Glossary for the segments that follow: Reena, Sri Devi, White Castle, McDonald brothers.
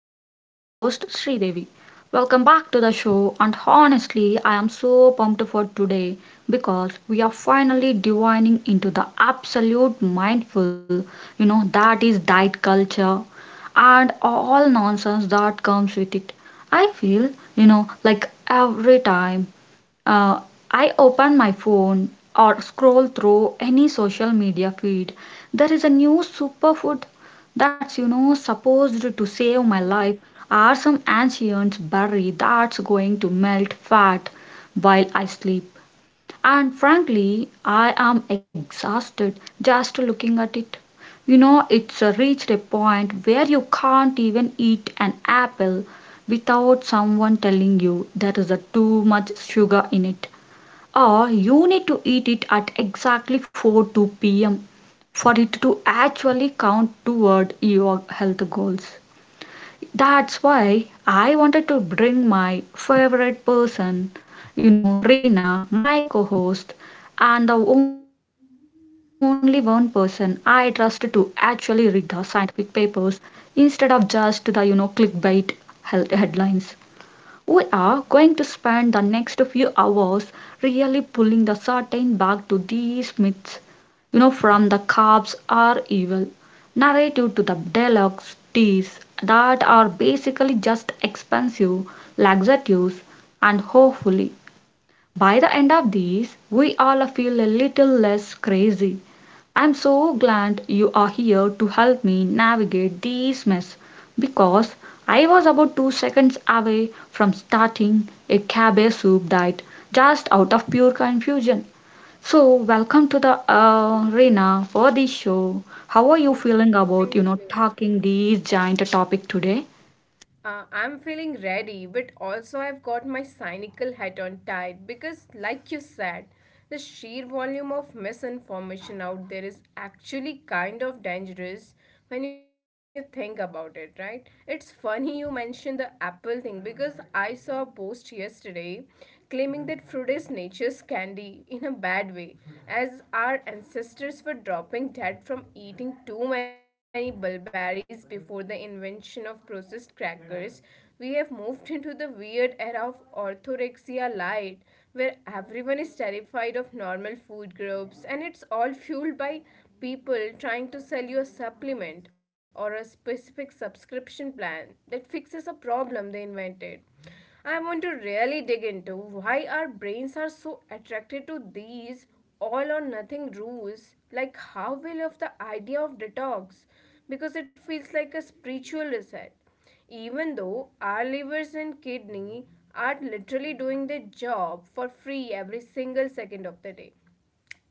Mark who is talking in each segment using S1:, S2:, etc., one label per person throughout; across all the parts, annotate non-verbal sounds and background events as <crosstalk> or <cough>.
S1: host Sri Devi. Welcome back to the show, and honestly I am so pumped for today because we are finally divining into the absolute mindful that is diet culture and all nonsense that comes with it. I feel like every time uh, I open my phone or scroll through any social media feed, there is a new superfood that's supposed to save
S2: Mm-hmm.
S1: my life, or some ancient berry that's going to melt fat while I sleep. And frankly, I am exhausted just looking at it. It's reached a point where you can't even eat an apple without someone telling you there is a too much sugar in it, or you need to eat it at exactly 4 p.m. for it to actually count toward your health goals. That's why I wanted to bring my favorite person, Reena, my co host, and the only one person I trust to actually read the scientific papers instead of just the clickbait health headlines. We are going to spend the next few hours really pulling the curtain back to these myths. From the cops are evil narrative to the deluxe teas that are basically just expensive laxatives, and hopefully by the end of this we all feel a little less crazy. I'm so glad you are here to help me navigate this mess because I was about 2 seconds away from starting a cabbage soup diet just out of pure confusion. So, welcome to the arena for this show. How are you feeling
S2: Thank you.
S1: about talking this giant topic today?
S2: I'm feeling ready, but also I've got my cynical hat on tight because, like you said, the sheer volume of misinformation out there is actually kind of dangerous when you think about it, right? It's funny you mentioned the Apple thing because I saw a post yesterday claiming that fruit is nature's candy in a bad way, as our ancestors were dropping dead from eating too many bulberries before the invention of processed crackers. We have moved into the weird era of orthorexia light, where everyone is terrified of normal food groups and it's all fueled by people trying to sell you a supplement or a specific subscription plan that fixes a problem they invented. I want to really dig into why our brains are so attracted to these all or nothing rules, like how we love the idea of detox because it feels like a spiritual reset, even though our livers and kidney are literally doing their job for free every single second of the day.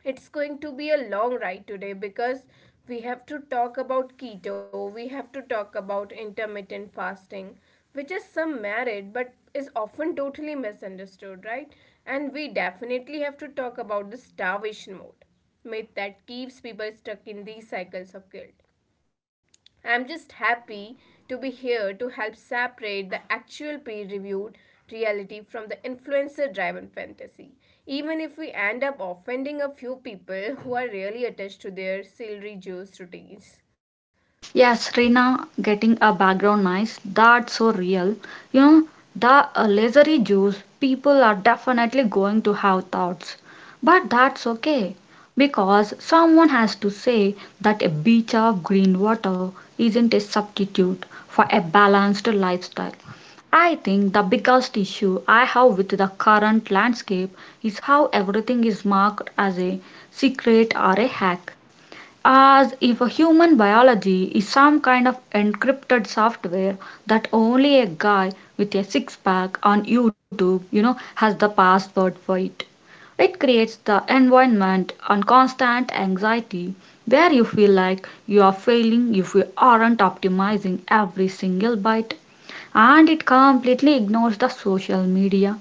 S2: It's going to be a long ride today because we have to talk about keto, we have to talk about intermittent fasting, which is some merit but is often totally misunderstood, right? And we definitely have to talk about the starvation mode myth that keeps people stuck in these cycles of guilt. I'm just happy to be here to help separate the actual peer reviewed reality from the influencer driven fantasy, even if we end up offending a few people who are really attached to their celery juice routines.
S1: Yes, Reena, getting a background noise, that's so real. You know, the lasery juice, people are definitely going to have thoughts. But that's okay, because someone has to say that a beach of green water isn't a substitute for a balanced lifestyle. I think the biggest issue I have with the current landscape is how everything is marked as a secret or a hack, as if a human biology is some kind of encrypted software that only a guy with a six pack on YouTube, has the password for it. It creates the environment and constant anxiety where you feel like you are failing if you aren't optimizing every single byte. And it completely ignores the social media,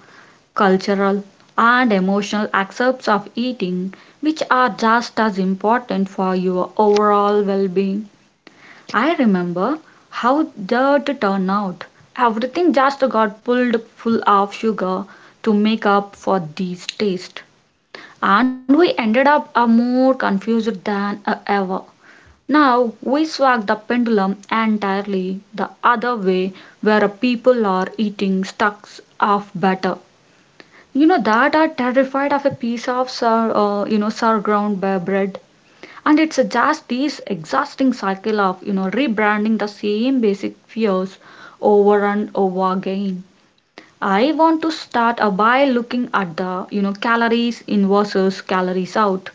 S1: cultural, and emotional aspects of eating, which are just as important for your overall well being. I remember how that turned out. Everything just got pulled full of sugar to make up for these tastes, and we ended up a more confused than ever. Now we swag the pendulum entirely the other way, where people are eating stacks of batter that are terrified of a piece of sour sour ground bread, and it's just this exhausting cycle of rebranding the same basic fears over and over again. I want to start by looking at the calories in versus calories out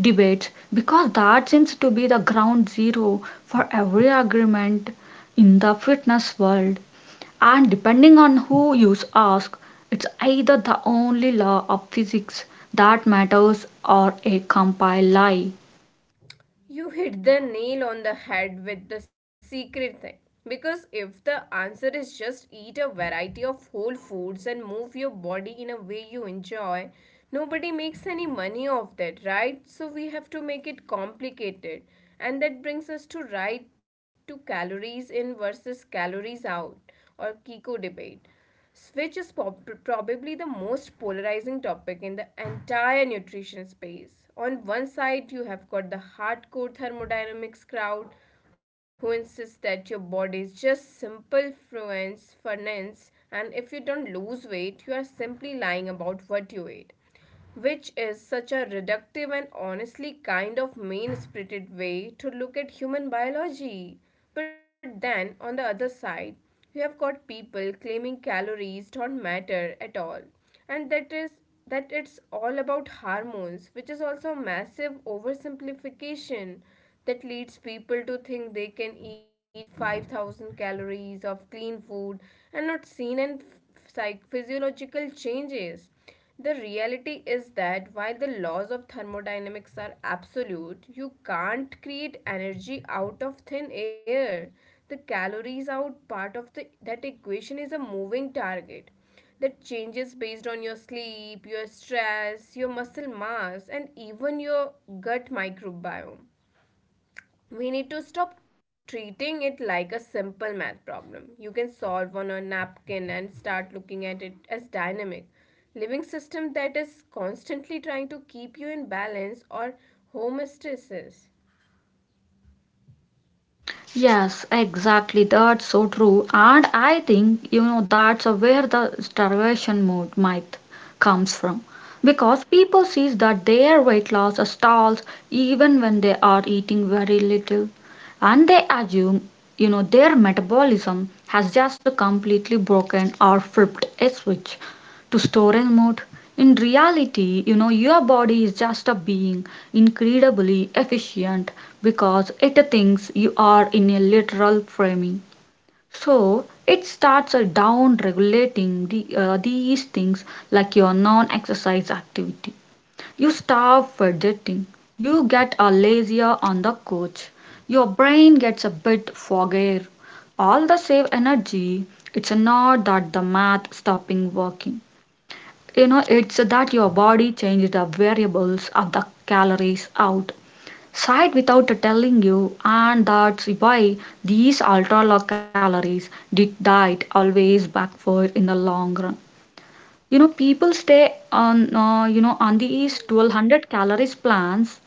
S1: debate, because that seems to be the ground zero for every agreement in the fitness world, and depending on who you ask it's either the only law of physics that matters or a compile lie.
S2: You hit the nail on the head with the secret thing. Because if the answer is just eat a variety of whole foods and move your body in a way you enjoy, nobody makes any money off that, right? So we have to make it complicated. And that brings us to right to calories in versus calories out, or Kiko debate, which is probably the most polarizing topic in the entire nutrition space. On one side, you have got the hardcore thermodynamics crowd who insists that your body is just simple fluence furnace and if you don't lose weight, you are simply lying about what you ate, which is such a reductive and honestly kind of mean spirited way to look at human biology. But then, on the other side, you have got people claiming calories don't matter at all, and that is that it's all about hormones, which is also a massive oversimplification that leads people to think they can eat 5,000 calories of clean food and not seen any physiological changes. The reality is that while the laws of thermodynamics are absolute, you can't create energy out of thin air. The calories out part of the, that equation is a moving target that changes based on your sleep, your stress, your muscle mass, and even your gut microbiome. We need to stop treating it like a simple math problem you can solve on a napkin and start looking at it as dynamic living system that is constantly trying to keep you in balance, or homeostasis.
S1: Yes, exactly. That's so true. And I think, that's where the starvation mode might comes from. Because people sees that their weight loss stalls even when they are eating very little. And they assume, their metabolism has just completely broken or flipped a switch to storing mode. In reality, your body is just a being incredibly efficient because it thinks you are in a literal framing. So it starts down regulating the, these things like your non exercise activity. You start fidgeting. You get a lazier on the couch. Your brain gets a bit foggier. All the save energy. It's not that the math stopping working, it's that your body changes the variables of the calories out side without telling you, and that's why these ultra low calories diet always backfire in the long run. People stay on on these
S2: Hmm.
S1: 1200 calories plans,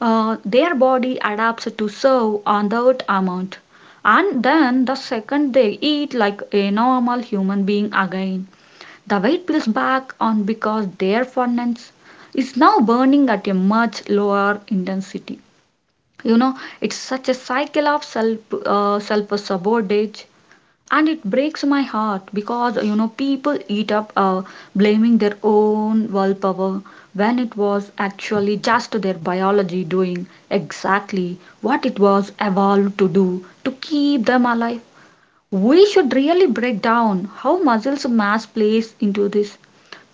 S1: their body adapts to serve on that amount, and then the second they eat like a normal human being again the weight pulls back on because their furnace is now burning at a much lower intensity. It's such a cycle of self sabotage, and it breaks my heart because people eat up blaming their own willpower when it was actually just their biology doing exactly what it was evolved to do to keep them alive. We should really break down how muscles mass plays into this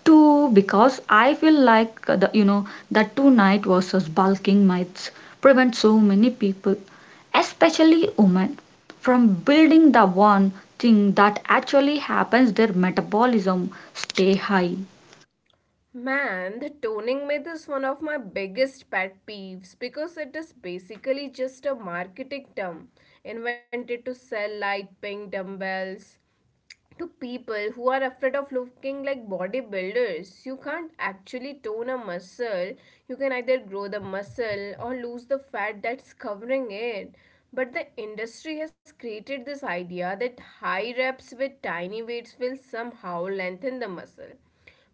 S1: too, because I feel like the you know that two night versus bulking myths prevent so many people, especially women, from building the one thing that actually happens their metabolism stay high.
S2: Man, the toning myth is one of my biggest pet peeves because it is basically just a marketing term invented to sell light pink dumbbells to people who are afraid of looking like bodybuilders. You can't actually tone a muscle. You can either grow the muscle or lose the fat that's covering it. But the industry has created this idea that high reps with tiny weights will somehow lengthen the muscle,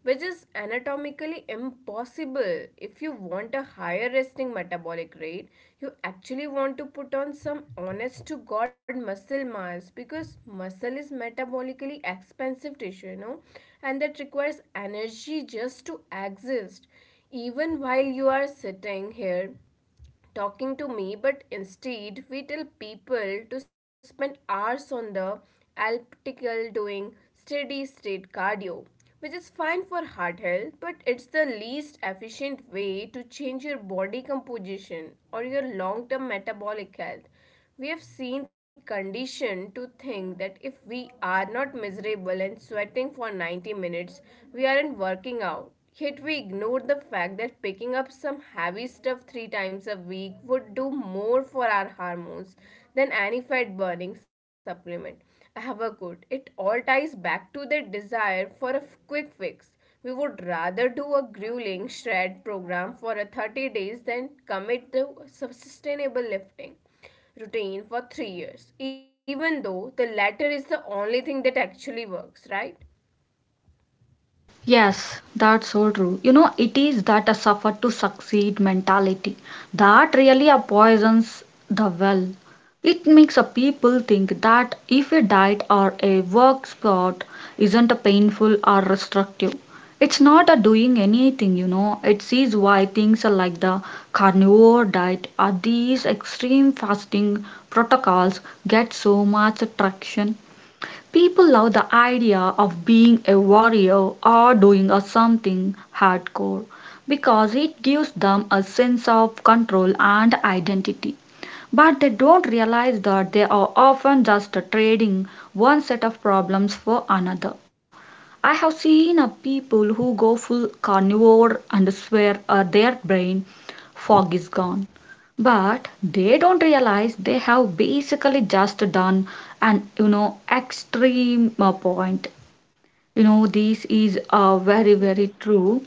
S2: which is anatomically impossible. If you want a higher resting metabolic rate, you actually want to put on some honest to God muscle mass because muscle is metabolically expensive tissue, and that requires energy just to exist, even while you are sitting here talking to me. But instead we tell people to spend hours on the elliptical doing steady state cardio, which is fine for heart health, but it's the least efficient way to change your body composition or your long term metabolic health. We have seen conditioned to think that if we are not miserable and sweating for 90 minutes, we aren't working out. Yet we ignore the fact that picking up some heavy stuff three times a week would do more for our hormones than any fat burning supplement. However, have It all ties back to the desire for a quick fix. We would rather do a grueling shred program for a 30 days than commit to sustainable lifting routine for 3 years, even though the latter is the only thing that actually works, right?
S1: Yes, that's so true. It is that a suffer to succeed mentality that really poisons the well. It makes a people think that if a diet or a work spot isn't a painful or restrictive, it's not a doing anything. It sees why things are like the carnivore diet or these extreme fasting protocols get so much traction. People love the idea of being a warrior or doing a something hardcore because it gives them a sense of control and identity. But they don't realize that they are often just trading one set of problems for another. I have seen people who go full carnivore and swear their brain fog is gone. But they don't realize they have basically just done an extreme point. This is very very true.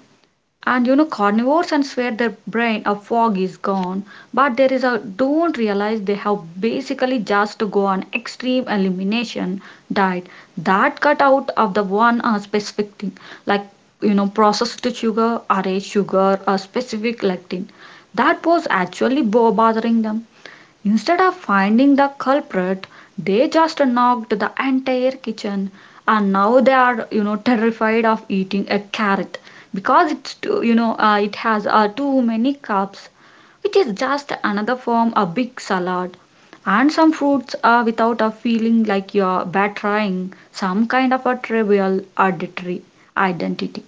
S1: And carnivores and swear their brain a fog is gone, but there is a don't realize they have basically just to go on extreme elimination diet that cut out of the one specific thing, like processed sugar, array sugar, a specific lectin that was actually bothering them. Instead of finding the culprit, they just knocked the entire kitchen, and now they are terrified of eating a carrot because it's too, it has too many carbs, which is just another form of big salad and some fruits are without a feeling like you're betraying some kind of a trivial auditory identity.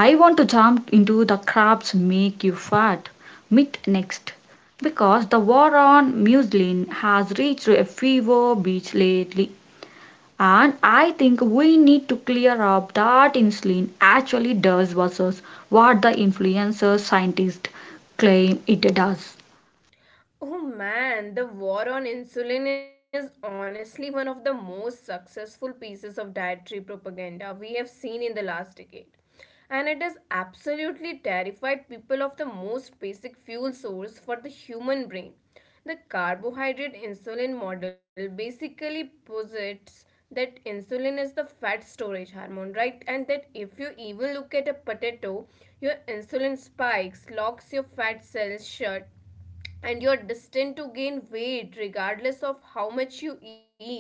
S1: I want to jump into the crabs make you fat myth next, because the war on muslin has reached a fever beach lately, and I think we need to clear up that insulin actually does versus what the influencer scientists claim it does.
S2: Oh man, the war on insulin is honestly one of the most successful pieces of dietary propaganda we have seen in the last decade. And it has absolutely terrified people of the most basic fuel source for the human brain. The carbohydrate insulin model basically posits that insulin is the fat storage hormone, right? And that if you even look at a potato, your insulin spikes, locks your fat cells shut, and you're destined to gain weight regardless of how much you eat.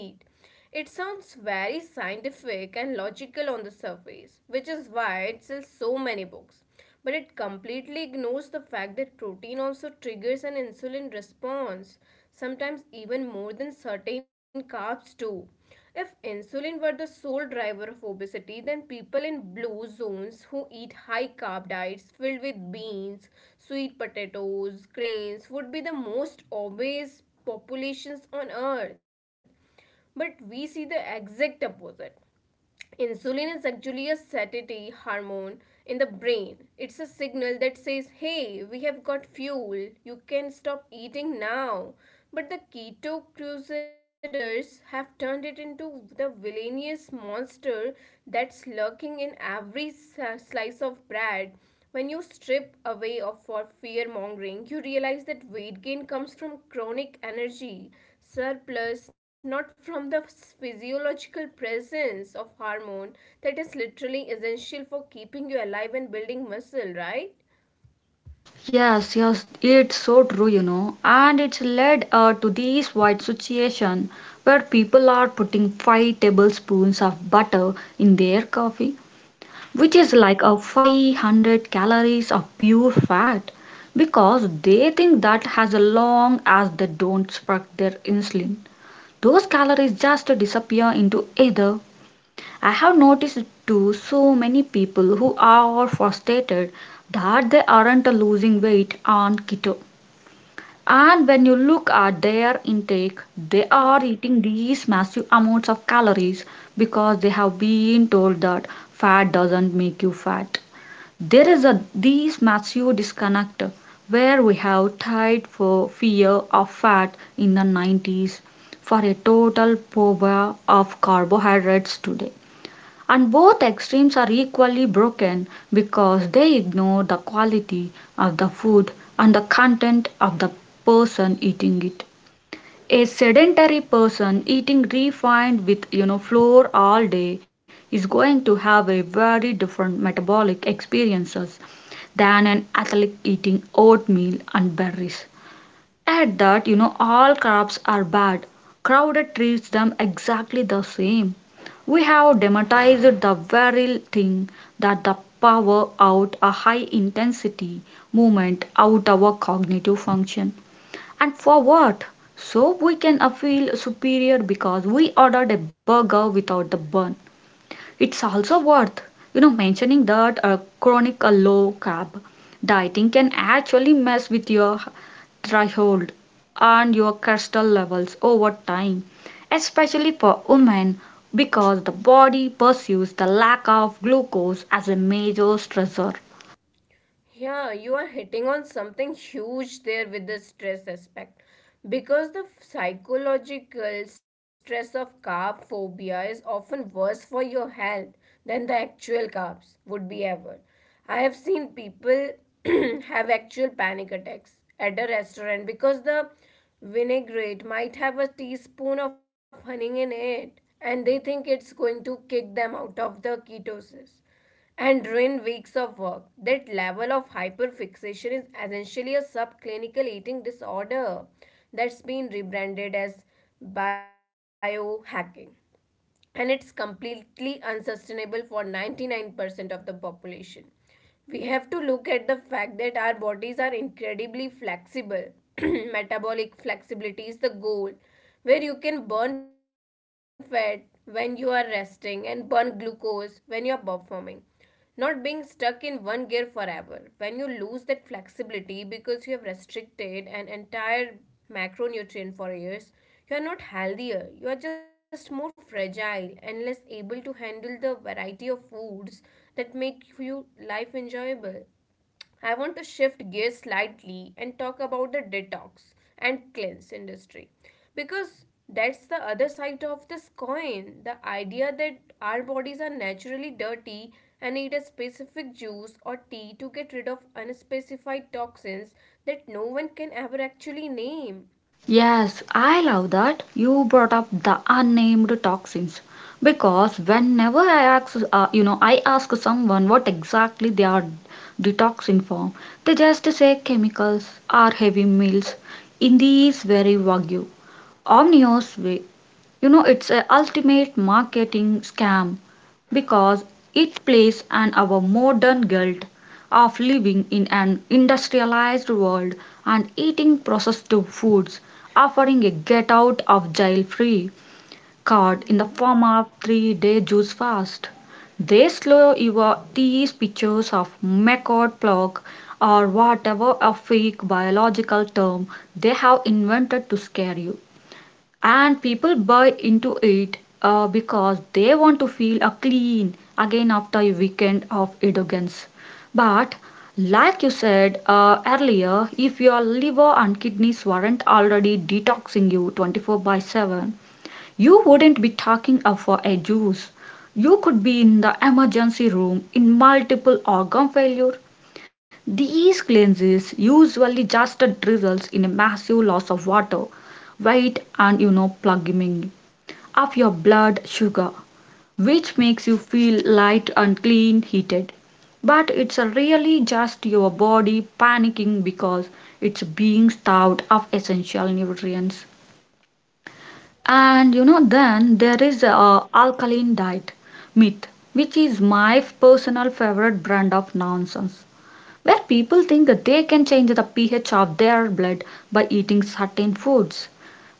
S2: It sounds very scientific and logical on the surface, which is why it sells so many books. But it completely ignores the fact that protein also triggers an insulin response, sometimes even more than certain carbs do. If insulin were the sole driver of obesity, then people in blue zones who eat high carb diets filled with beans, sweet potatoes, grains would be the most obese populations on earth. But we see the exact opposite. Insulin is actually a satiety hormone in the brain. It's a signal that says, hey, we have got fuel, you can stop eating now. But the keto crusaders have turned it into the villainous monster that's lurking in every slice of bread. When you strip away of for fear mongering, you realize that weight gain comes from chronic energy surplus, not from the physiological presence of hormone that is literally essential for keeping you alive and building muscle, right?
S1: Yes, yes, it's so true, and it's led to this wide situation where people are putting 5 tablespoons of butter in their coffee, which is like a 500 calories of pure fat, because they think that as long as they don't spark their insulin those calories just disappear into ether. I have noticed too so many people who are frustrated that they aren't losing weight on keto, and when you look at their intake they are eating these massive amounts of calories because they have been told that fat doesn't make you fat. There is a these massive disconnect where we have tied for fear of fat in the 90s for a total phobia of carbohydrates today. And both extremes are equally broken because they ignore the quality of the food and the content of the person eating it. A sedentary person eating refined with flour all day is going to have a very different metabolic experiences than an athlete eating oatmeal and berries. Add that all carbs are bad. Crowded treats them exactly the same. We have demonetized the very thing that the power out a high intensity movement out our cognitive function. And for what? So we can feel superior because we ordered a burger without the bun. It's also worth, mentioning that a chronic low carb dieting can actually mess with your threshold and your cholesterol levels over time, especially for women, because the body perceives the lack of glucose as a major stressor.
S2: Yeah, you are hitting on something huge there with the stress aspect. Because the psychological stress of carb phobia is often worse for your health than the actual carbs would be ever. I have seen people <clears throat> have actual panic attacks at a restaurant because the vinaigrette might have a teaspoon of honey in it and they think it's going to kick them out of the ketosis and ruin weeks of work. That level of hyperfixation is essentially a subclinical eating disorder that's been rebranded as biohacking. And it's completely unsustainable for 99% of the population. We have to look at the fact that our bodies are incredibly flexible. <clears throat> Metabolic flexibility is the goal, where you can burn fat when you are resting and burn glucose when you are performing, not being stuck in one gear forever. When you lose that flexibility because you have restricted an entire macronutrient for years, you are not healthier. You are just more fragile and less able to handle the variety of foods that make you life enjoyable. I want to shift gears slightly and talk about the detox and cleanse industry because that's the other side of this coin. The idea that our bodies are naturally dirty and need a specific juice or tea to get rid of unspecified toxins that no one can ever actually name.
S1: Yes, I love that you brought up the unnamed toxins because whenever I ask, I ask someone what exactly they are detoxing from, they just say chemicals or heavy meals. In these very vague, omnious way, it's a ultimate marketing scam because it plays on our modern guilt of living in an industrialized world and eating processed foods, offering a get out of jail free card in the
S2: Mm-hmm.
S1: form of 3-day juice fast. They slow your tease pictures of Meccord clock or whatever a fake biological term they have invented to scare you, and people buy into it because they want to feel a clean again after a weekend of video games. But like you said earlier, if your liver and kidneys weren't already detoxing you 24 by 7, you wouldn't be talking up for a juice. You could be in the emergency room in multiple organ failure. These cleanses usually just results in a massive loss of water, weight, and you know, plugging of your blood sugar, which makes you feel light and clean heated. But it's really just your body panicking because it's being starved of essential nutrients. And you know, then there is a alkaline diet myth, which is my personal favorite brand of nonsense, where people think that they can change the pH of their blood by eating certain foods,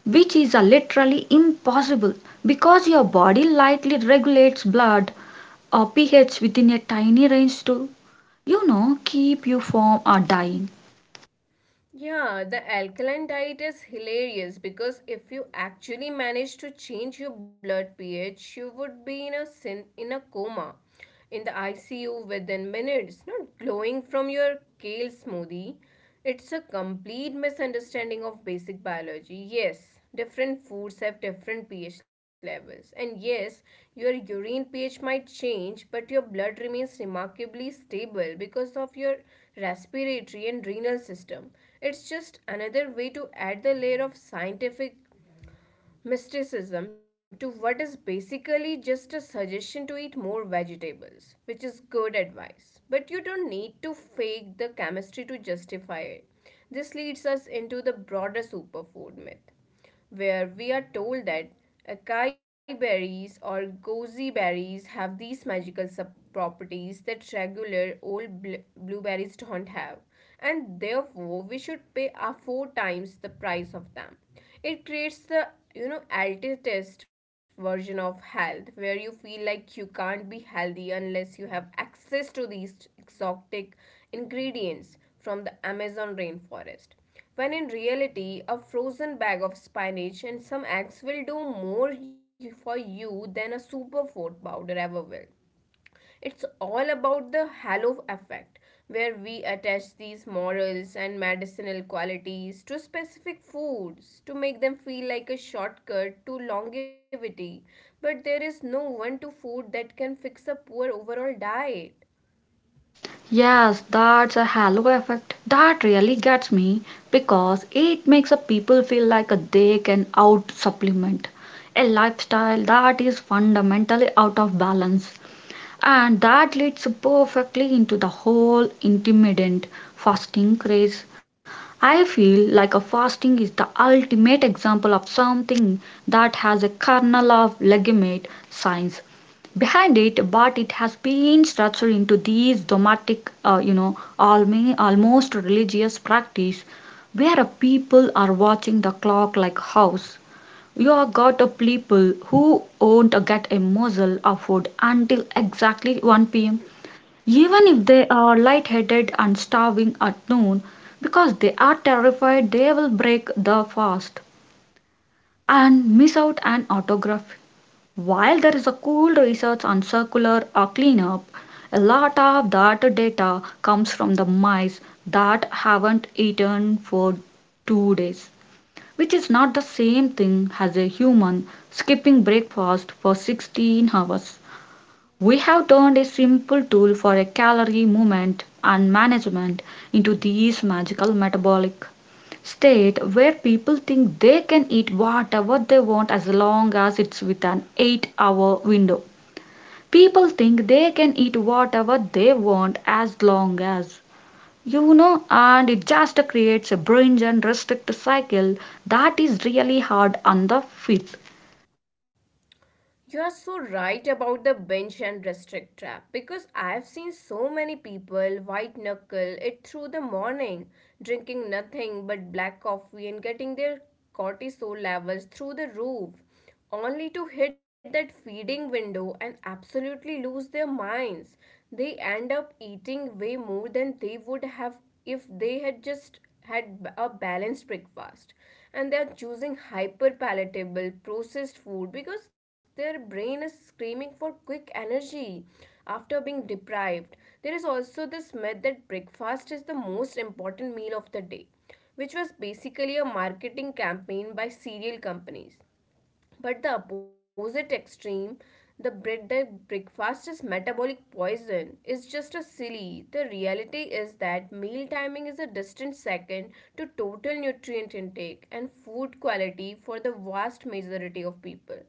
S1: which is literally impossible because your body lightly regulates blood pH within a tiny range to, you know, keep you from dying.
S2: Yeah, the alkaline diet is hilarious because if you actually manage to change your blood pH, you would be in a sin in a coma in the ICU within minutes, not glowing from your kale smoothie. It's a complete misunderstanding of basic biology. Yes. Different foods have different pH levels, and yes, your urine pH might change, but your blood remains remarkably stable because of your respiratory and renal system. It's just another way to add the layer of scientific mysticism to what is basically just a suggestion to eat more vegetables, which is good advice. But you don't need to fake the chemistry to justify it. This leads us into the broader superfood myth where we are told that acai berries or goji berries have these magical properties that regular old blueberries don't have, and therefore we should pay a four times the price of them. It creates the altitist version of health where you feel like you can't be healthy unless you have access to these exotic ingredients from the Amazon rainforest, when in reality a frozen bag of spinach and some eggs will do more for you than a super food powder ever will. It's all about the halo effect, where we attach these morals and medicinal qualities to specific foods to make them feel like a shortcut to longevity. But there is no one to food that can fix a poor overall diet.
S1: Yes, that's a halo effect. That really gets me because it makes people feel like they can out supplement a lifestyle that is fundamentally out of balance. And that leads perfectly into the whole intermittent fasting craze. I feel like a fasting is the ultimate example of something that has a kernel of legitimate science behind it, but it has been structured into these dogmatic, almost religious practice where a people are watching the clock like house. You got a people who won't get a morsel of food until exactly 1 p.m.,
S2: Yeah.
S1: even if they are lightheaded and starving at noon, because they are terrified they will break the fast and miss out an autograph. While there is a cool research on circular or cleanup, a lot of that data comes from the mice that haven't eaten for 2 days, which is not the same thing as a human skipping breakfast for 16 hours. We have turned a simple tool for a calorie movement and management into this magical metabolic state where people think they can eat whatever they want as long as it's within an 8-hour window. People think they can eat whatever they want as long as you know, and it just creates a binge and restrict cycle that is really hard on the fit.
S2: You are so right about the bench and restrict trap because I have seen so many people white knuckle it through the morning, drinking nothing but black coffee and getting their cortisol levels through the roof, only to hit that feeding window and absolutely lose their minds. They end up eating way more than they would have if they had just had a balanced breakfast, and they are choosing hyper palatable processed food because their brain is screaming for quick energy after being deprived. There is also this myth that breakfast is the most important meal of the day, which was basically a marketing campaign by cereal companies. But the opposite extreme, the bread that breakfast is metabolic poison, is just a silly. The reality is that meal timing is a distant second to total nutrient intake and food quality for the vast majority of people.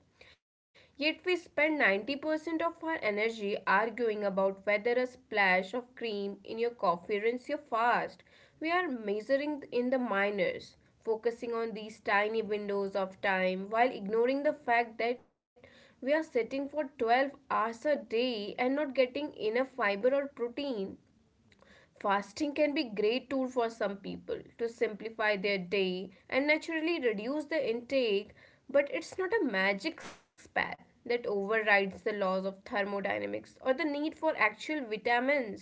S2: Yet we spend 90% of our energy arguing about whether a splash of cream in your coffee ruins your fast. We are measuring in the minors, focusing on these tiny windows of time while ignoring the fact that we are sitting for 12 hours a day and not getting enough fiber or protein. Fasting can be a great tool for some people to simplify their day and naturally reduce the intake, but it's not a magic spell that overrides the laws of thermodynamics or the need for actual vitamins.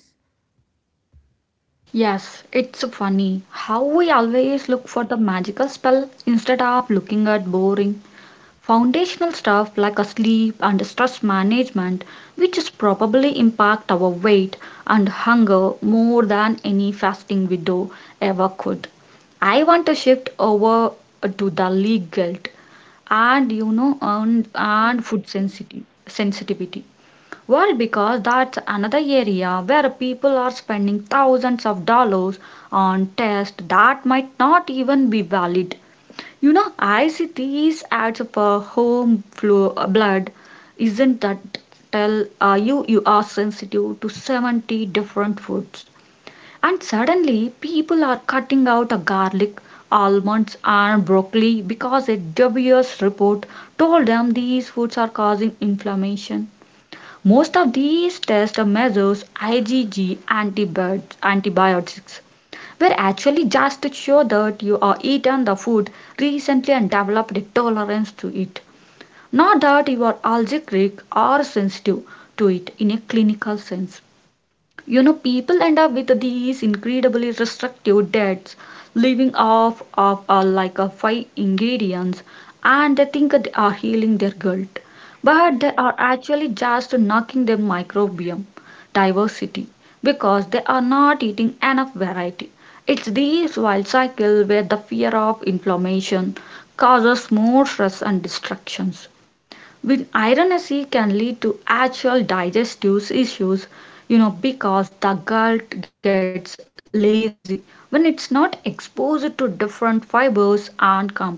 S1: Yes, it's funny how we always look for the magical spell instead of looking at boring foundational stuff like a sleep and stress management, which is probably impact our weight and hunger more than any fasting window ever could. I want to shift over to the league guilt and you know and,
S2: Mhm.
S1: and food sensitivity well, because that's another area where people are spending thousands of dollars on tests that might not even be valid. You know, I see these ads of blood. Isn't that tell you are sensitive to 70 different foods? And suddenly, people are cutting out a garlic, almonds, and broccoli because a WS report told them these foods are causing inflammation. Most of these tests of measures, IgG antibiotics were actually just to show that you are eaten the food recently and developed a tolerance to it, not that you are allergic or sensitive to it in a clinical sense. You know, people end up with these incredibly restrictive diets living off of like a five ingredients, and they think they are healing their gut, but they are actually just knocking their microbiome diversity because they are not eating enough variety. It's this wild cycle where the fear of inflammation causes more stress and distractions, which ironically can lead to actual digestive issues, you know, because the gut gets lazy when it's not exposed to different fibers and compounds.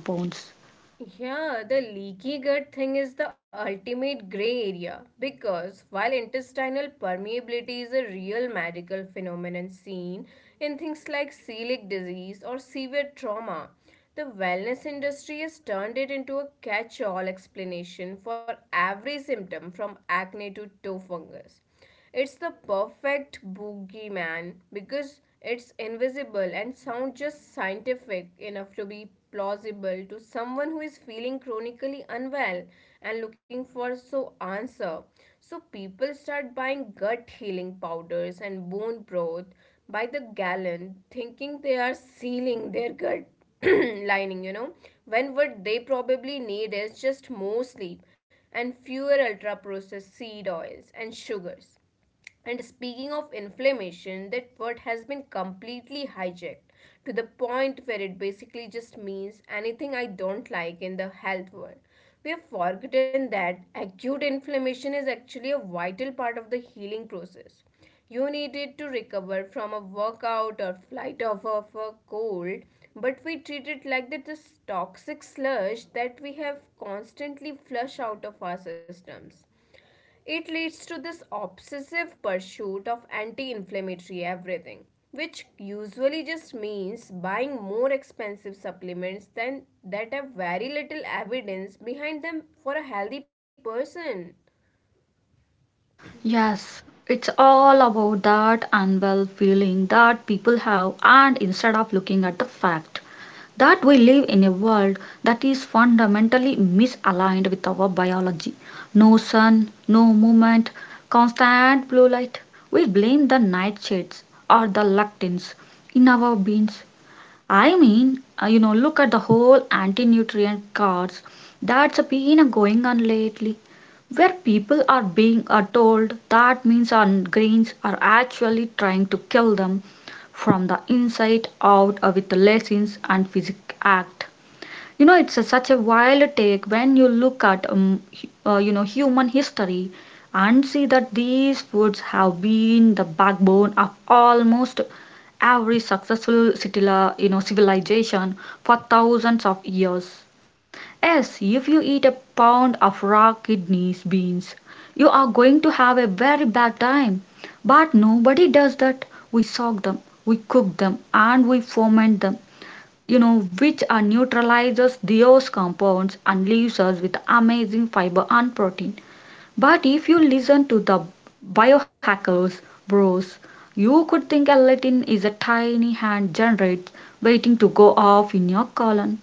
S2: Yeah, the leaky gut thing is the ultimate gray area because while intestinal permeability is a real medical phenomenon seen in things like celiac disease or severe trauma, the wellness industry has turned it into a catch all explanation for every symptom from acne to toe fungus. It's the perfect boogeyman because it's invisible and sounds just scientific enough to be plausible to someone who is feeling chronically unwell and looking for so answer. So people start buying gut healing powders and bone broth by the gallon, thinking they are sealing their gut. <clears throat> lining. When what they probably need is just more sleep and fewer ultra processed seed oils and sugars. And speaking of inflammation, that word has been completely hijacked to the point where it basically just means anything I don't like in the health world. We have forgotten that acute inflammation is actually a vital part of the healing process. You needed to recover from a workout or flight of a cold, but we treat it like that this toxic sludge that we have constantly flush out of our systems. It leads to this obsessive pursuit of anti inflammatory everything, which usually just means buying more expensive supplements than that have very little evidence behind them for a healthy person.
S1: Yes, it's all about that unwell feeling that people have, and instead of looking at the fact that we live in a world that is fundamentally misaligned with our biology. No sun, no movement, constant blue light. We blame the nightshades or the lectins in our beans. I mean, you know, look at the whole anti-nutrient cards that's been going on lately, where people are being told that means our grains are actually trying to kill them from the inside out with the lessons and physic act. You know, it's a, such a wild take when you look at you know, human history and see that these foods have been the backbone of almost every successful civilization for thousands of years. Yes, if you eat a pound of raw kidneys beans, you are going to have a very bad time, but nobody does that. We soak them, we cook them, and we ferment them, you know, which neutralizes those compounds and leaves us with amazing fiber and protein. But if you listen to the biohackers, bros, you could think a Latin is a tiny hand generates waiting to go off in your colon.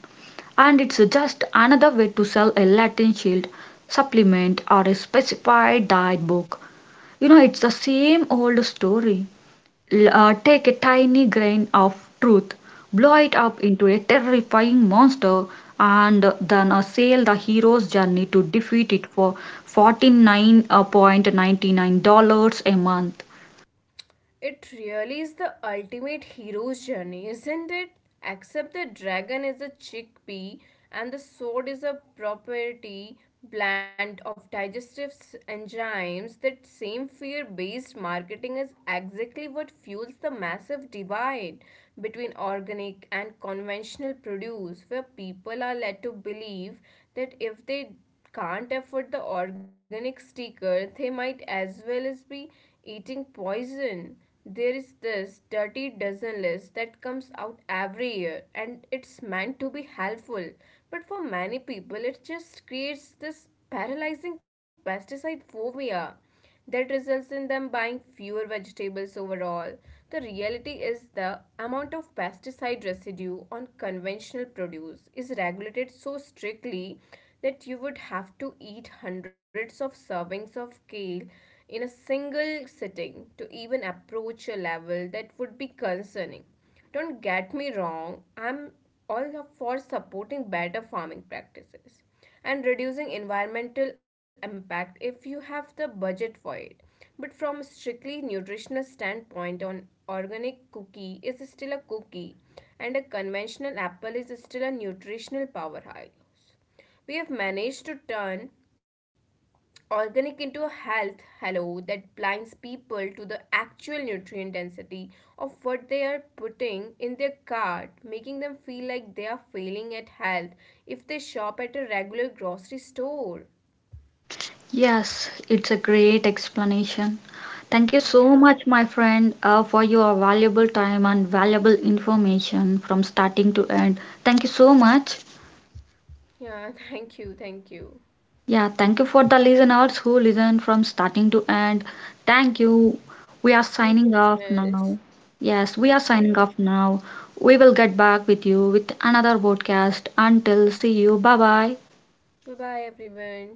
S1: And it's just another way to sell a Latin shield, supplement, or a specified diet book. You know, it's the same old story. Take a tiny grain of truth, blow it up into a terrifying monster, and then sail the hero's journey to defeat it for $49.99 a month.
S2: It really is the ultimate hero's journey, isn't it? Except the dragon is a chickpea and the sword is a property blend of digestive enzymes. That same fear based marketing is exactly what fuels the massive divide between organic and conventional produce, where people are led to believe that if they can't afford the organic sticker, they might as well as be eating poison. There is this dirty dozen list that comes out every year, and it's meant to be helpful. But for many people, it just creates this paralyzing pesticide phobia that results in them buying fewer vegetables overall. The reality is the amount of pesticide residue on conventional produce is regulated so strictly that you would have to eat hundreds of servings of kale in a single sitting to even approach a level that would be concerning. Don't get me wrong, I'm all for supporting better farming practices and reducing environmental impact if you have the budget for it. But from a strictly nutritional standpoint, an organic cookie is still a cookie and a conventional apple is still a nutritional powerhouse. We have managed to turn organic into health hello that blinds people to the actual nutrient density of what they are putting in their cart, making them feel like they are failing at health if they shop at a regular grocery store.
S1: Yes, it's a great explanation. Thank you so much, my friend, for your valuable time and valuable information from starting to end. Thank you so much.
S2: Yeah. <laughs> Thank you, thank you.
S1: Yeah, thank you for the listeners who listen from starting to end. Thank you. We are
S2: Thank you,
S1: signing off
S2: listeners.
S1: now. Yes, we are signing
S2: Okay.
S1: off now. We will get back with you with another podcast. Until see you. Bye bye.
S2: Bye bye, everyone.